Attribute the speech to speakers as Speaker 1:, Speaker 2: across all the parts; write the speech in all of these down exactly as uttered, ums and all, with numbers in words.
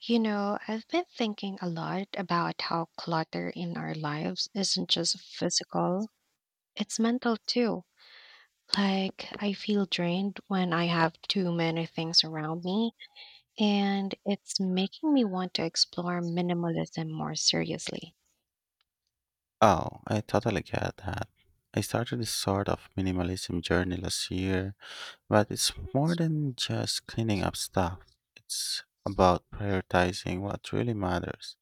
Speaker 1: You know, I've been thinking a lot about how clutter in our lives isn't just physical, it's mental too. Like, I feel drained when I have too many things around me, and it's making me want to explore minimalism more seriously.
Speaker 2: Oh, I totally get that. I started this sort of minimalism journey last year, but it's more than just cleaning up stuff. It's about prioritizing what really matters.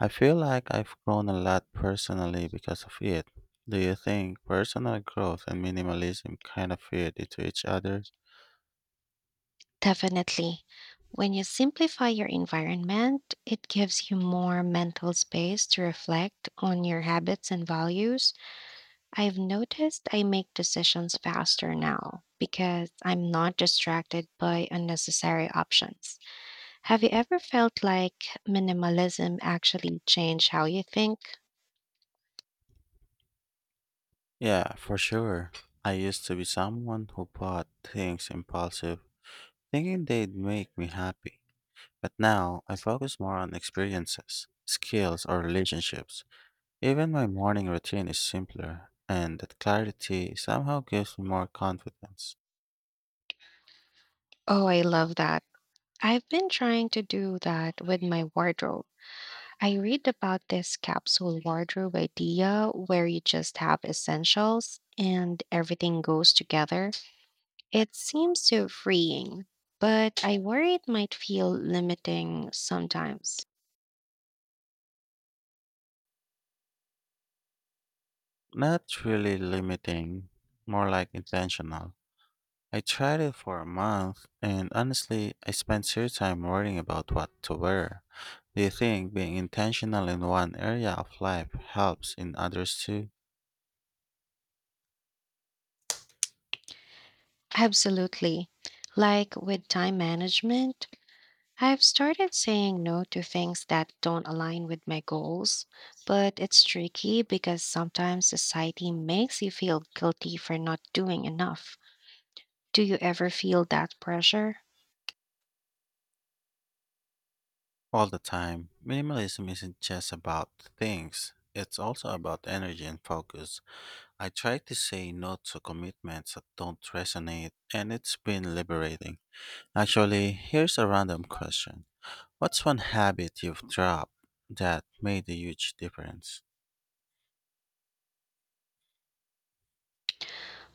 Speaker 2: I feel like I've grown a lot personally because of it. Do you think personal growth and minimalism kind of fit into each other?
Speaker 1: Definitely. When you simplify your environment, it gives you more mental space to reflect on your habits and values. I've noticed I make decisions faster now because I'm not distracted by unnecessary options. Have you ever felt like minimalism actually changed how you think?
Speaker 2: Yeah, for sure. I used to be someone who bought things impulsive, thinking they'd make me happy. But now I focus more on experiences, skills, or relationships. Even my morning routine is simpler, and that clarity somehow gives me more confidence.
Speaker 1: Oh, I love that. I've been trying to do that with my wardrobe. I read about this capsule wardrobe idea where you just have essentials and everything goes together. It seems so freeing, but I worry it might feel limiting sometimes.
Speaker 2: Not really limiting, more like intentional. I tried it for a month, and honestly, I spent serious time worrying about what to wear. Do you think being intentional in one area of life helps in others too?
Speaker 1: Absolutely. Like with time management, I've started saying no to things that don't align with my goals, but it's tricky because sometimes society makes you feel guilty for not doing enough. Do you ever feel that pressure?
Speaker 2: All the time. Minimalism isn't just about things, it's also about energy and focus. I try to say no to commitments that don't resonate, and it's been liberating. Actually, here's a random question. What's one habit you've dropped that made a huge difference?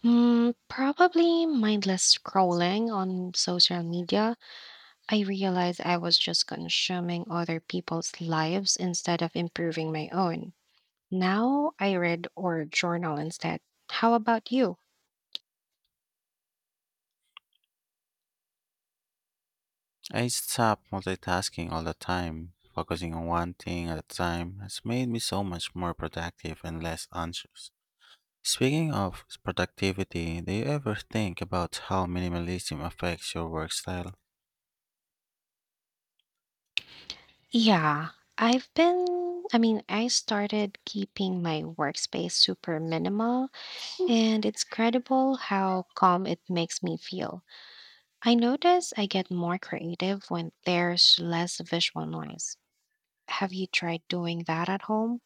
Speaker 1: Hmm, probably mindless scrolling on social media. I realized I was just consuming other people's lives instead of improving my own. Now I read or journal instead. How about you?
Speaker 2: I stopped multitasking all the time. Focusing on one thing at a time has made me so much more productive and less anxious. Speaking of productivity, do you ever think about how minimalism affects your work style?
Speaker 1: Yeah, I've been, I mean, I started keeping my workspace super minimal, and it's incredible how calm it makes me feel. I notice I get more creative when there's less visual noise. Have you tried doing that at home?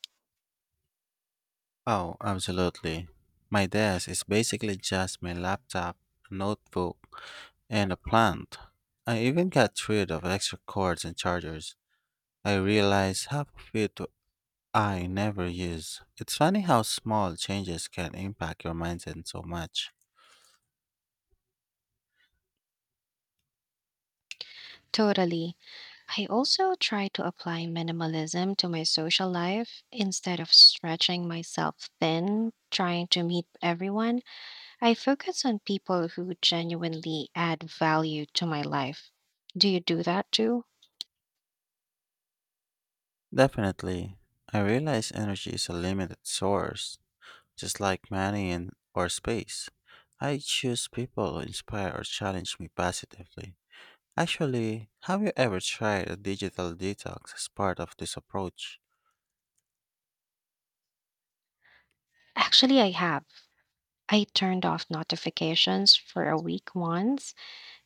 Speaker 2: Oh, absolutely. My desk is basically just my laptop, a notebook, and a plant. I even got rid of extra cords and chargers. I realized half of it I never use. It's funny how small changes can impact your mindset so much.
Speaker 1: Totally. I also try to apply minimalism to my social life instead of stretching myself thin, trying to meet everyone. I focus on people who genuinely add value to my life. Do you do that too?
Speaker 2: Definitely. I realize energy is a limited source, just like money and or space. I choose people who inspire or challenge me positively. Actually, have you ever tried a digital detox as part of this approach?
Speaker 1: Actually, I have. I turned off notifications for a week once,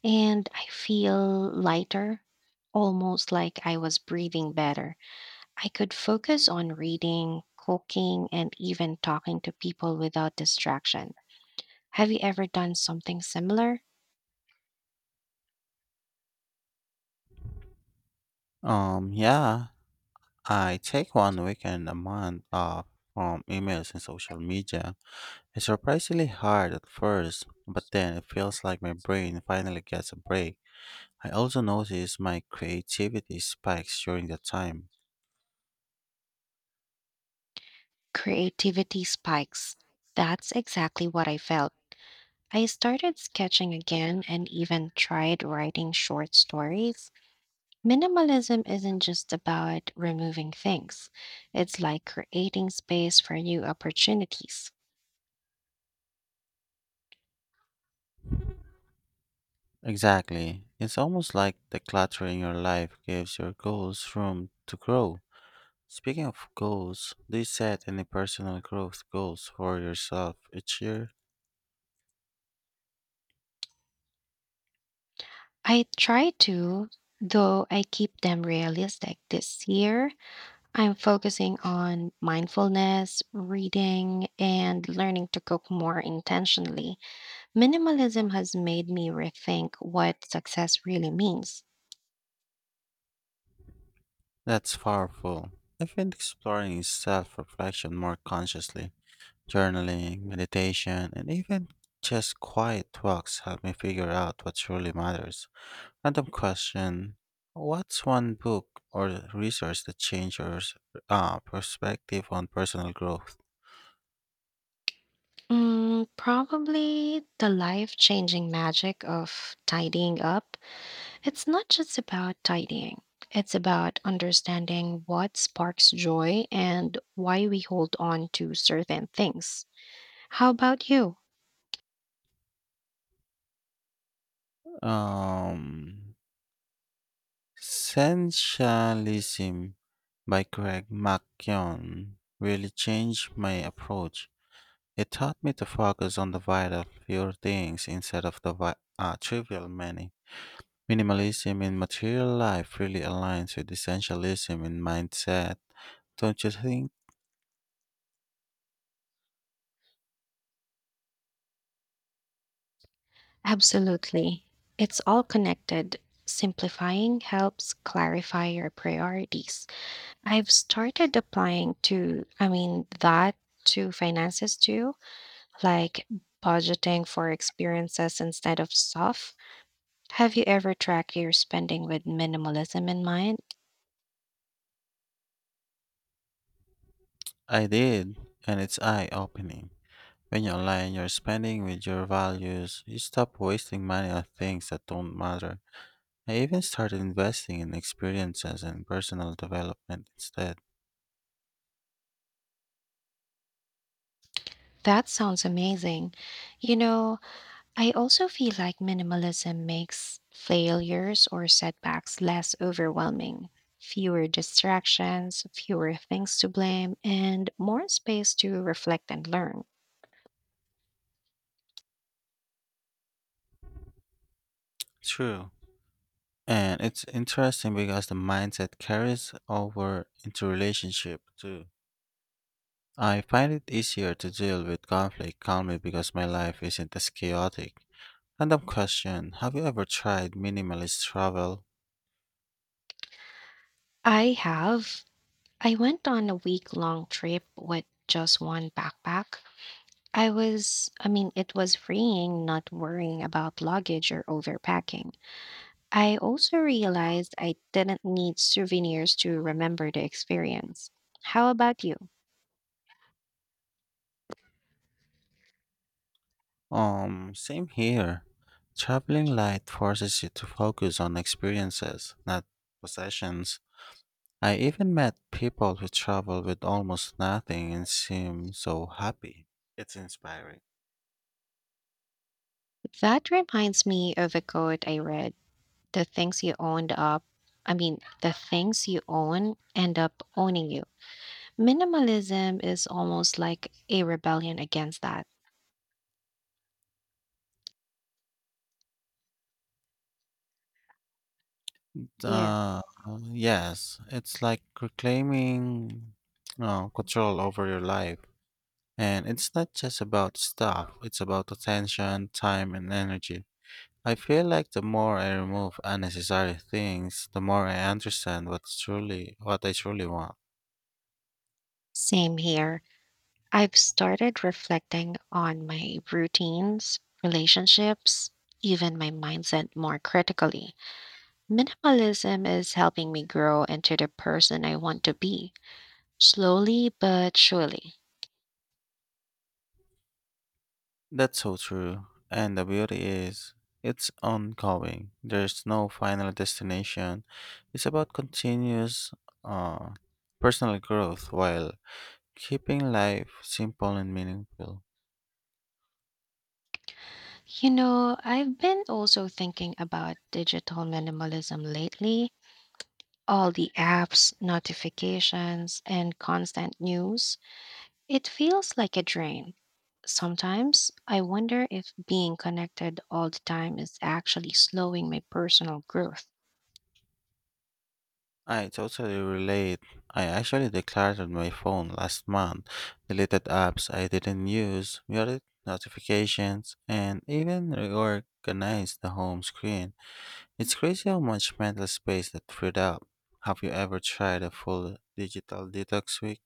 Speaker 1: and I feel lighter, almost like I was breathing better. I could focus on reading, cooking, and even talking to people without distraction. Have you ever done something similar?
Speaker 2: Um, yeah, I take one weekend a month off from emails and social media. It's surprisingly hard at first, but then it feels like my brain finally gets a break. I also notice my creativity spikes during that time.
Speaker 1: Creativity spikes. That's exactly what I felt. I started sketching again and even tried writing short stories. Minimalism isn't just about removing things, it's like creating space for new opportunities.
Speaker 2: Exactly. It's almost like the clutter in your life gives your goals room to grow. Speaking of goals, do you set any personal growth goals for yourself each year?
Speaker 1: I try to, though I keep them realistic. This year, I'm focusing on mindfulness, reading, and learning to cook more intentionally. Minimalism has made me rethink what success really means.
Speaker 2: That's powerful. I've been exploring self reflection more consciously. Journaling, meditation, and even just quiet walks help me figure out what truly matters. Random question. What's one book or resource that changed your s- uh, perspective on personal growth?
Speaker 1: Mm, probably the life-changing magic of tidying up. It's not just about tidying. It's about understanding what sparks joy and why we hold on to certain things. How about you?
Speaker 2: Um, Essentialism by Craig McKeown really changed my approach. It taught me to focus on the vital few things instead of the vi- uh, trivial many. Minimalism in material life really aligns with essentialism in mindset. Don't you think?
Speaker 1: Absolutely. It's all connected. Simplifying helps clarify your priorities. I've started applying to, I mean, that to finances too. Like budgeting for experiences instead of stuff. Have you ever tracked your spending with minimalism in mind?
Speaker 2: I did, and it's eye opening. When you align your spending with your values, you stop wasting money on things that don't matter. I even started investing in experiences and personal development instead.
Speaker 1: That sounds amazing. You know, I also feel like minimalism makes failures or setbacks less overwhelming. Fewer distractions, fewer things to blame, and more space to reflect and learn.
Speaker 2: True. And it's interesting because the mindset carries over into relationship too. I find it easier to deal with conflict calmly because my life isn't as chaotic. Random question. Have you ever tried minimalist travel?
Speaker 1: I have. I went on a week long trip with just one backpack. I was, I mean, It was freeing not worrying about luggage or overpacking. I also realized I didn't need souvenirs to remember the experience. How about you?
Speaker 2: Um, same here. Traveling light forces you to focus on experiences, not possessions. I even met people who travel with almost nothing and seem so happy. It's inspiring.
Speaker 1: That reminds me of a quote I read. The things you owned up, I mean, the things you own end up owning you. Minimalism is almost like a rebellion against that. Yes.
Speaker 2: Uh, yes, it's like reclaiming uh, control over your life. And it's not just about stuff, it's about attention, time, and energy. I feel like the more I remove unnecessary things, the more I understand what's truly what I truly want.
Speaker 1: Same here. I've started reflecting on my routines, relationships, even my mindset more critically. Minimalism is helping me grow into the person I want to be, slowly but surely.
Speaker 2: That's so true. And the beauty is, it's ongoing. There's no final destination. It's about continuous uh, personal growth while keeping life simple and meaningful.
Speaker 1: You know, I've been also thinking about digital minimalism lately, all the apps, notifications, and constant news. It feels like a drain. Sometimes I wonder if being connected all the time is actually slowing my personal growth.
Speaker 2: I totally relate. I actually decluttered my phone last month, deleted apps I didn't use, muted notifications, and even reorganized the home screen. It's crazy how much mental space that freed up. Have you ever tried a full digital detox week?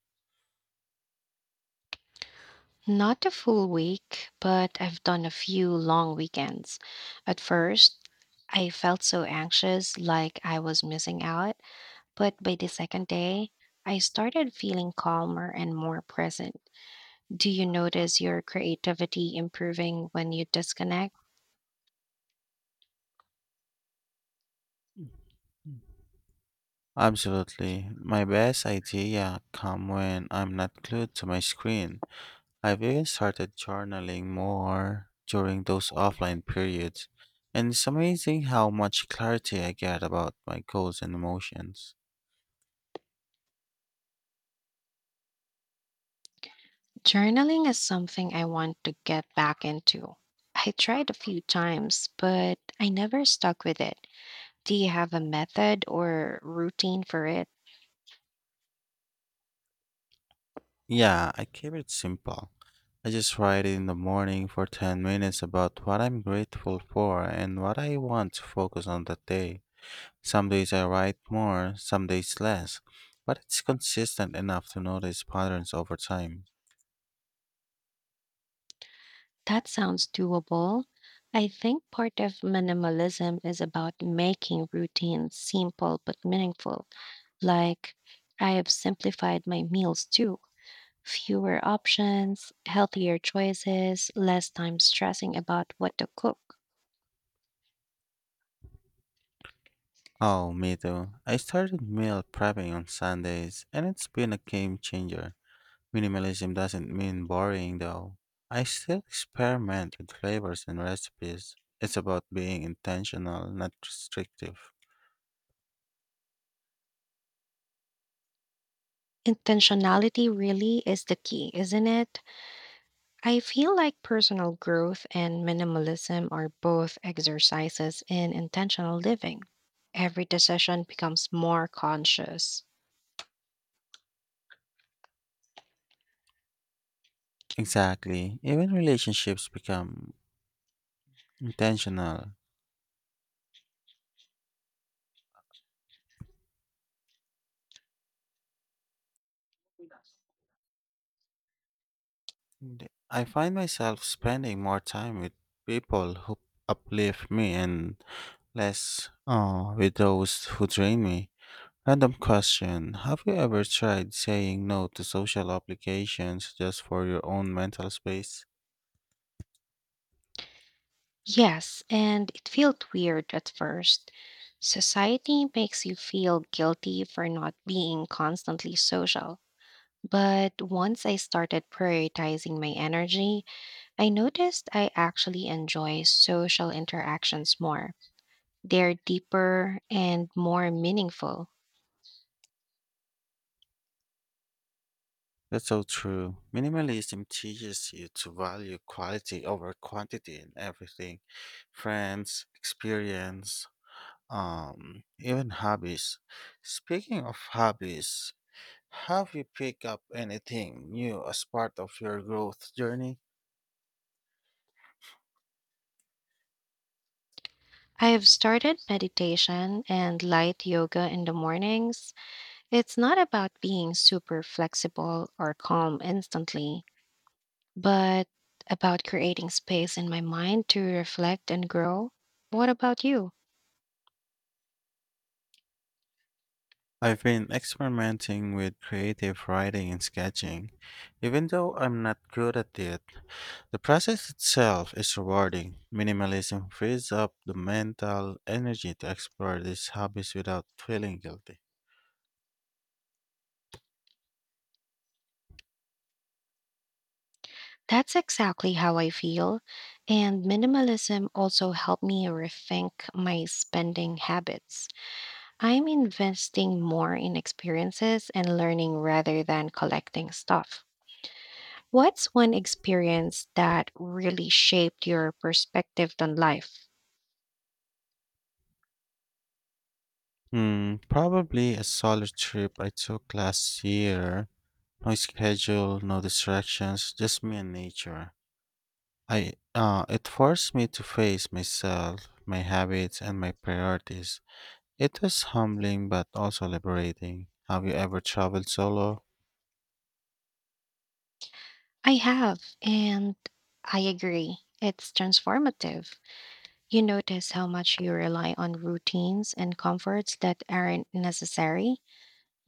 Speaker 1: Not a full week, but I've done a few long weekends. At first, I felt so anxious, like I was missing out, but by the second day, I started feeling calmer and more present. Do you notice your creativity improving when you disconnect?
Speaker 2: Absolutely. My best idea come when I'm not glued to my screen. I've even started journaling more during those offline periods. And it's amazing how much clarity I get about my goals and emotions.
Speaker 1: Journaling is something I want to get back into. I tried a few times, but I never stuck with it. Do you have a method or routine for it?
Speaker 2: Yeah, I keep it simple. I just write in the morning for ten minutes about what I'm grateful for and what I want to focus on that day. Some days I write more, some days less, but it's consistent enough to notice patterns over time.
Speaker 1: That sounds doable. I think part of minimalism is about making routines simple but meaningful. Like, I have simplified my meals too. Fewer options, healthier choices, less time stressing about what to cook.
Speaker 2: Oh, me too. I started meal prepping on Sundays, and it's been a game changer. Minimalism doesn't mean boring, though. I still experiment with flavors and recipes. It's about being intentional, not restrictive.
Speaker 1: Intentionality really is the key, isn't it? I feel like personal growth and minimalism are both exercises in intentional living. Every decision becomes more conscious.
Speaker 2: Exactly. Even relationships become intentional. I find myself spending more time with people who uplift me and less uh, with those who drain me. Random question. Have you ever tried saying no to social obligations just for your own mental space?
Speaker 1: Yes, and it felt weird at first. Society makes you feel guilty for not being constantly social. But once I started prioritizing my energy, I noticed I actually enjoy social interactions more. They're deeper and more meaningful.
Speaker 2: That's so true. Minimalism teaches you to value quality over quantity in everything: friends, experience, um, even hobbies. Speaking of hobbies, have you picked up anything new as part of your growth journey?
Speaker 1: I have started meditation and light yoga in the mornings. It's not about being super flexible or calm instantly, but about creating space in my mind to reflect and grow. What about you?
Speaker 2: I've been experimenting with creative writing and sketching. Even though I'm not good at it, the process itself is rewarding. Minimalism frees up the mental energy to explore these hobbies without feeling guilty.
Speaker 1: That's exactly how I feel. And minimalism also helped me rethink my spending habits. I'm investing more in experiences and learning rather than collecting stuff. What's one experience that really shaped your perspective on life?
Speaker 2: Hmm, probably a solo trip I took last year. No schedule, no distractions, just me and nature. I uh, It forced me to face myself, my habits, and my priorities. It was humbling but also liberating. Have you ever traveled solo?
Speaker 1: I have, and I agree. It's transformative. You notice how much you rely on routines and comforts that aren't necessary.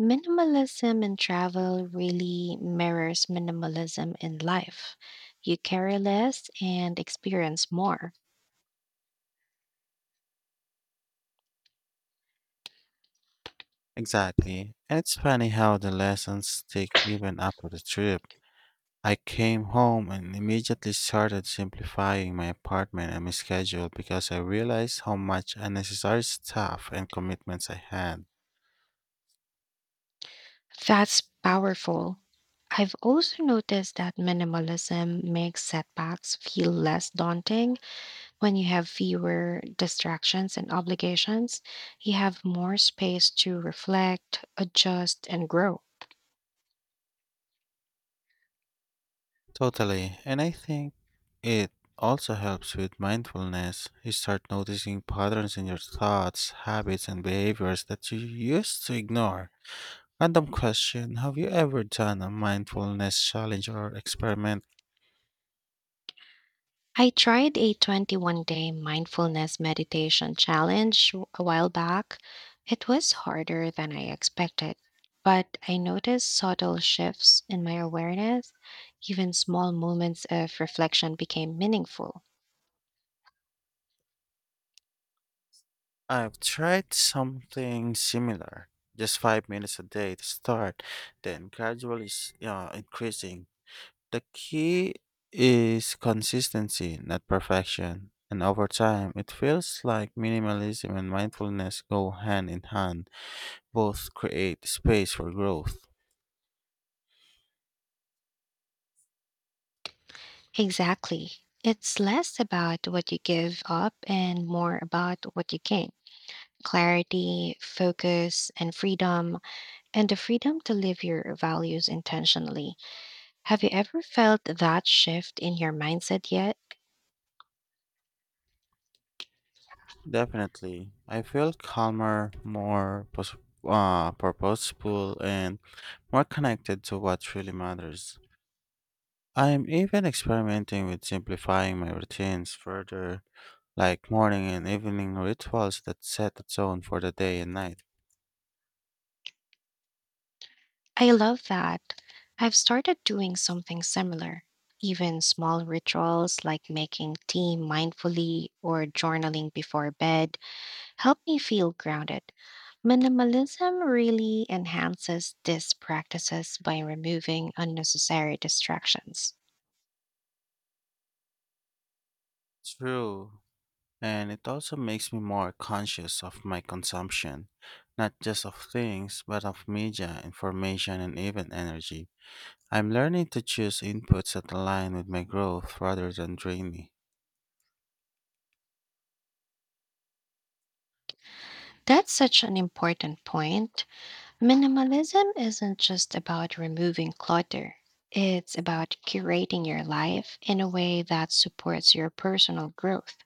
Speaker 1: Minimalism in travel really mirrors minimalism in life. You carry less and experience more.
Speaker 2: Exactly. And it's funny how the lessons stick even after the trip. I came home and immediately started simplifying my apartment and my schedule because I realized how much unnecessary stuff and commitments I had.
Speaker 1: That's powerful. I've also noticed that minimalism makes setbacks feel less daunting when you have fewer distractions and obligations. You have more space to reflect, adjust, and grow.
Speaker 2: Totally. And I think it also helps with mindfulness. You start noticing patterns in your thoughts, habits, and behaviors that you used to ignore. Random question. Have you ever done a mindfulness challenge or experiment?
Speaker 1: I tried a twenty-one day mindfulness meditation challenge a while back. It was harder than I expected, but I noticed subtle shifts in my awareness. Even small moments of reflection became meaningful.
Speaker 2: I've tried something similar, just five minutes a day to start, then gradually s- uh, increasing. The key is consistency, not perfection. And over time, it feels like minimalism and mindfulness go hand in hand. Both create space for growth.
Speaker 1: Exactly. It's less about what you give up and more about what you gain, clarity, focus, and freedom, and the freedom to live your values intentionally. Have you ever felt that shift in your mindset yet?
Speaker 2: Definitely. I feel calmer, more pos- uh, purposeful, and more connected to what really matters. I am even experimenting with simplifying my routines further, like morning and evening rituals that set the tone for the day and night.
Speaker 1: I love that. I've started doing something similar. Even small rituals like making tea mindfully or journaling before bed help me feel grounded. Minimalism really enhances these practices by removing unnecessary distractions.
Speaker 2: True, and it also makes me more conscious of my consumption, not just of things, but of media, information, and even energy. I'm learning to choose inputs that align with my growth rather than drain me.
Speaker 1: That's such an important point. Minimalism isn't just about removing clutter. It's about curating your life in a way that supports your personal growth.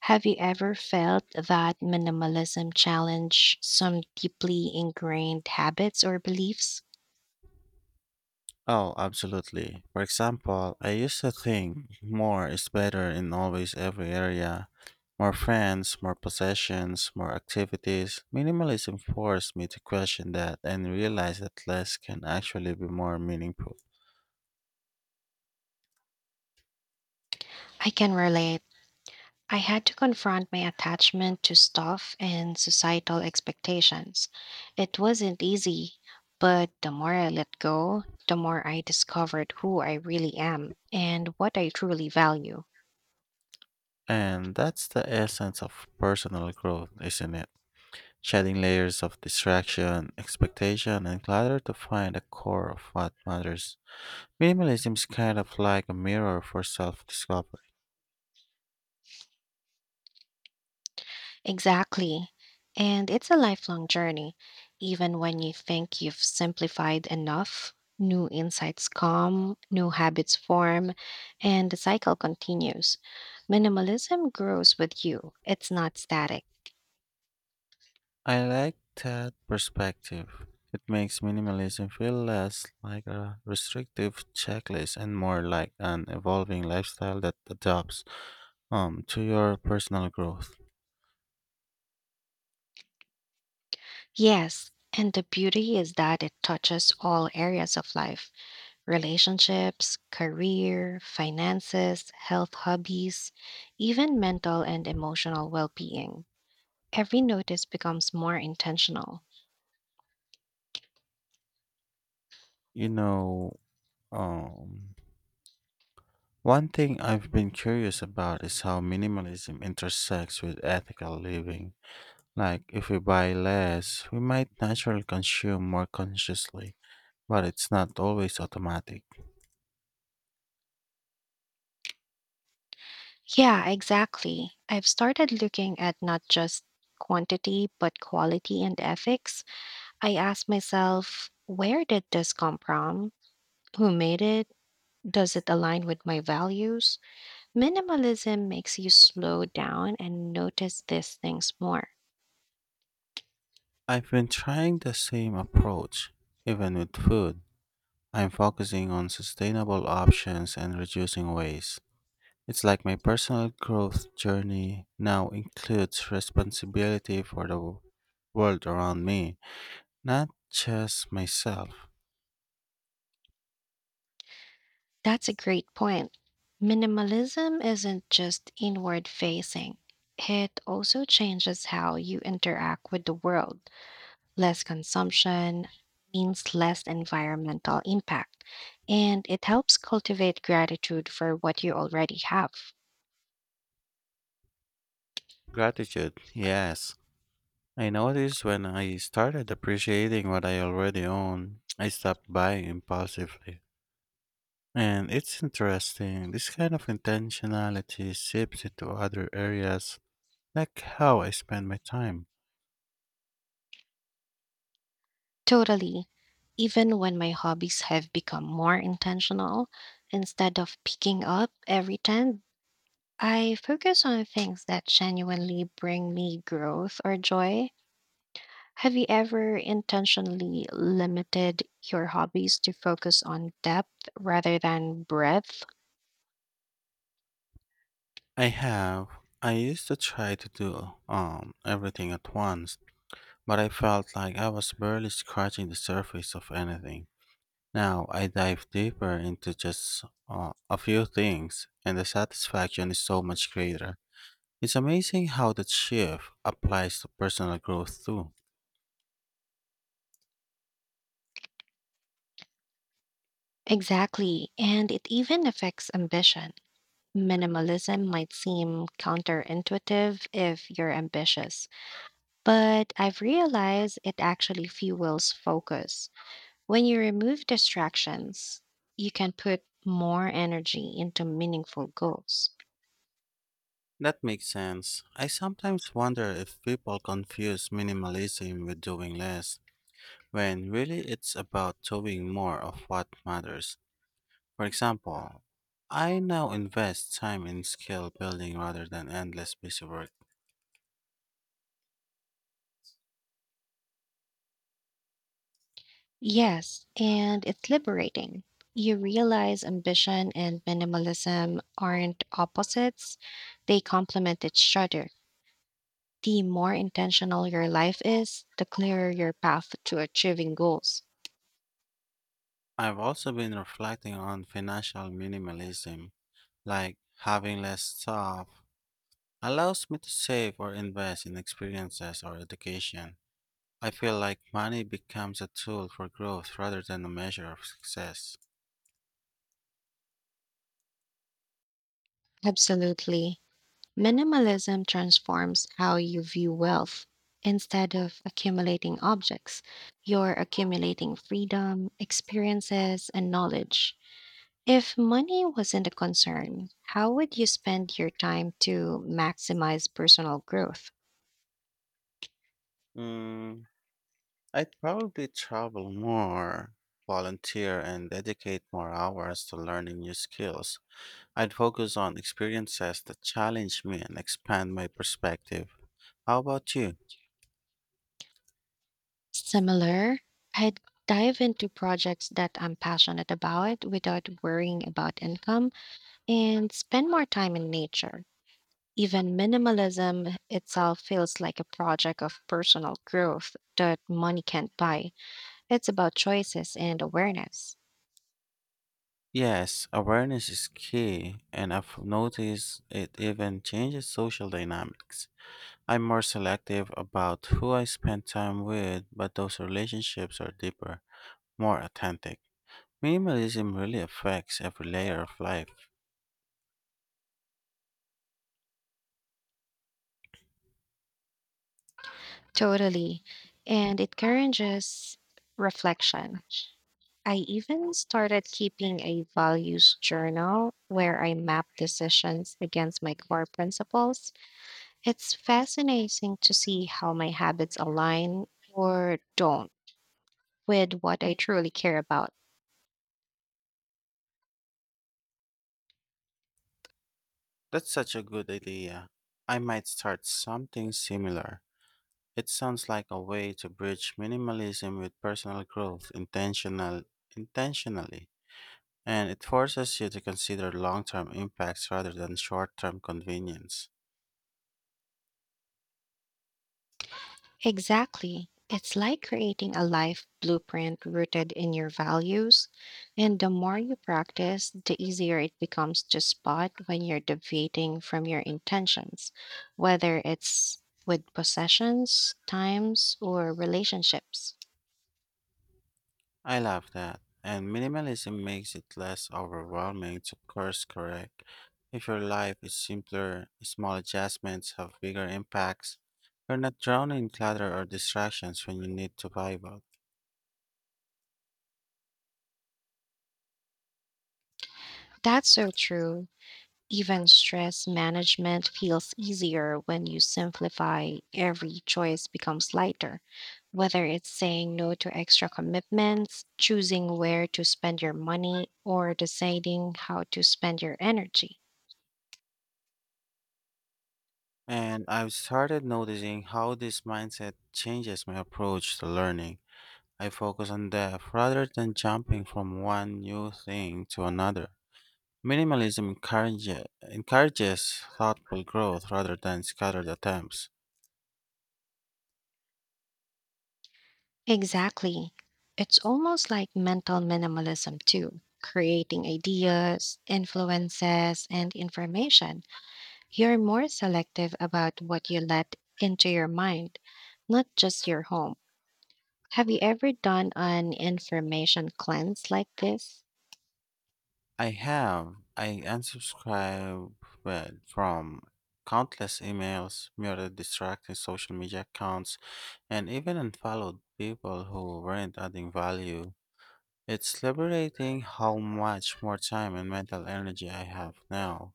Speaker 1: Have you ever felt that minimalism challenge some deeply ingrained habits or beliefs?
Speaker 2: Oh, absolutely. For example, I used to think more is better in always every area. More friends, more possessions, more activities. Minimalism forced me to question that and realize that less can actually be more meaningful.
Speaker 1: I can relate. I had to confront my attachment to stuff and societal expectations. It wasn't easy, but the more I let go, the more I discovered who I really am and what I truly value.
Speaker 2: And that's the essence of personal growth, isn't it? Shedding layers of distraction, expectation, and clutter to find the core of what matters. Minimalism is kind of like a mirror for self discovery.
Speaker 1: Exactly. And it's a lifelong journey. Even when you think you've simplified enough, new insights come, new habits form, and the cycle continues. Minimalism grows with you, it's not static.
Speaker 2: I like that perspective. It makes minimalism feel less like a restrictive checklist and more like an evolving lifestyle that adapts um, to your personal growth.
Speaker 1: Yes, and the beauty is that it touches all areas of life, relationships, career, finances, health hobbies, even mental and emotional well being. Every notice becomes more intentional.
Speaker 2: You know, um, one thing I've been curious about is how minimalism intersects with ethical living. Like, if we buy less, we might naturally consume more consciously, but it's not always automatic.
Speaker 1: Yeah, exactly. I've started looking at not just quantity, but quality and ethics. I ask myself, where did this come from? Who made it? Does it align with my values? Minimalism makes you slow down and notice these things more.
Speaker 2: I've been trying the same approach, even with food. I'm focusing on sustainable options and reducing waste. It's like my personal growth journey now includes responsibility for the world around me, not just myself.
Speaker 1: That's a great point. Minimalism isn't just inward facing, it also changes how you interact with the world. Less consumption means less environmental impact, and it helps cultivate gratitude for what you already have.
Speaker 2: Gratitude, yes. I noticed when I started appreciating what I already own, I stopped buying impulsively. And it's interesting, this kind of intentionality seeps into other areas, like how I spend my time.
Speaker 1: Totally. Even when my hobbies have become more intentional, instead of picking up every time, I focus on things that genuinely bring me growth or joy. Have you ever intentionally limited your hobbies to focus on depth rather than breadth?
Speaker 2: I have. I used to try to do um everything at once, but I felt like I was barely scratching the surface of anything. Now I dive deeper into just uh, a few things, and the satisfaction is so much greater. It's amazing how that shift applies to personal growth too.
Speaker 1: Exactly, and it even affects ambition. Minimalism might seem counterintuitive if you're ambitious, but I've realized it actually fuels focus. When you remove distractions, you can put more energy into meaningful goals.
Speaker 2: That makes sense. I sometimes wonder if people confuse minimalism with doing less, when really it's about doing more of what matters. For example, I now invest time in skill building rather than endless busy work.
Speaker 1: Yes, and it's liberating. You realize ambition and minimalism aren't opposites, they complement each other. The more intentional your life is, the clearer your path to achieving goals.
Speaker 2: I've also been reflecting on financial minimalism, like having less staff, allows me to save or invest in experiences or education. I feel like money becomes a tool for growth rather than a measure of success.
Speaker 1: Absolutely. Minimalism transforms how you view wealth. Instead of accumulating objects, you're accumulating freedom, experiences, and knowledge. If money wasn't a concern, how would you spend your time to maximize personal growth?
Speaker 2: Mm, I'd probably travel more, volunteer, and dedicate more hours to learning new skills. I'd focus on experiences that challenge me and expand my perspective. How about you?
Speaker 1: Similar, I'd dive into projects that I'm passionate about without worrying about income and spend more time in nature. Even minimalism itself feels like a project of personal growth that money can't buy. It's about choices and awareness.
Speaker 2: Yes, awareness is key, and I've noticed it even changes social dynamics. I'm more selective about who I spend time with, but those relationships are deeper, more authentic. Minimalism really affects every layer of life.
Speaker 1: Totally. And it encourages reflection. I even started keeping a values journal where I map decisions against my core principles. It's fascinating to see how my habits align, or don't, with what I truly care about.
Speaker 2: That's such a good idea. I might start something similar. It sounds like a way to bridge minimalism with personal growth intentional intentionally. And it forces you to consider long term impacts rather than short term convenience.
Speaker 1: Exactly. It's like creating a life blueprint rooted in your values. And the more you practice, the easier it becomes to spot when you're deviating from your intentions, whether it's with possessions, times, or relationships.
Speaker 2: I love that. And minimalism makes it less overwhelming to course correct. If your life is simpler, small adjustments have bigger impacts. You're not drawn in clutter or distractions when you need to pivot.
Speaker 1: That's so true. Even stress management feels easier when you simplify. Every choice becomes lighter, whether it's saying no to extra commitments, choosing where to spend your money, or deciding how to spend your energy.
Speaker 2: And I've started noticing how this mindset changes my approach to learning. I focus on depth rather than jumping from one new thing to another. Minimalism encourage, encourages thoughtful growth rather than scattered attempts.
Speaker 1: Exactly. It's almost like mental minimalism, too, creating ideas, influences, and information. You're more selective about what you let into your mind, not just your home. Have you ever done an information cleanse like this?
Speaker 2: I have. I unsubscribed from countless emails, muted distracting social media accounts, and even unfollowed people who weren't adding value. It's liberating how much more time and mental energy I have now.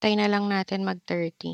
Speaker 1: Tayo na lang natin mag thirty.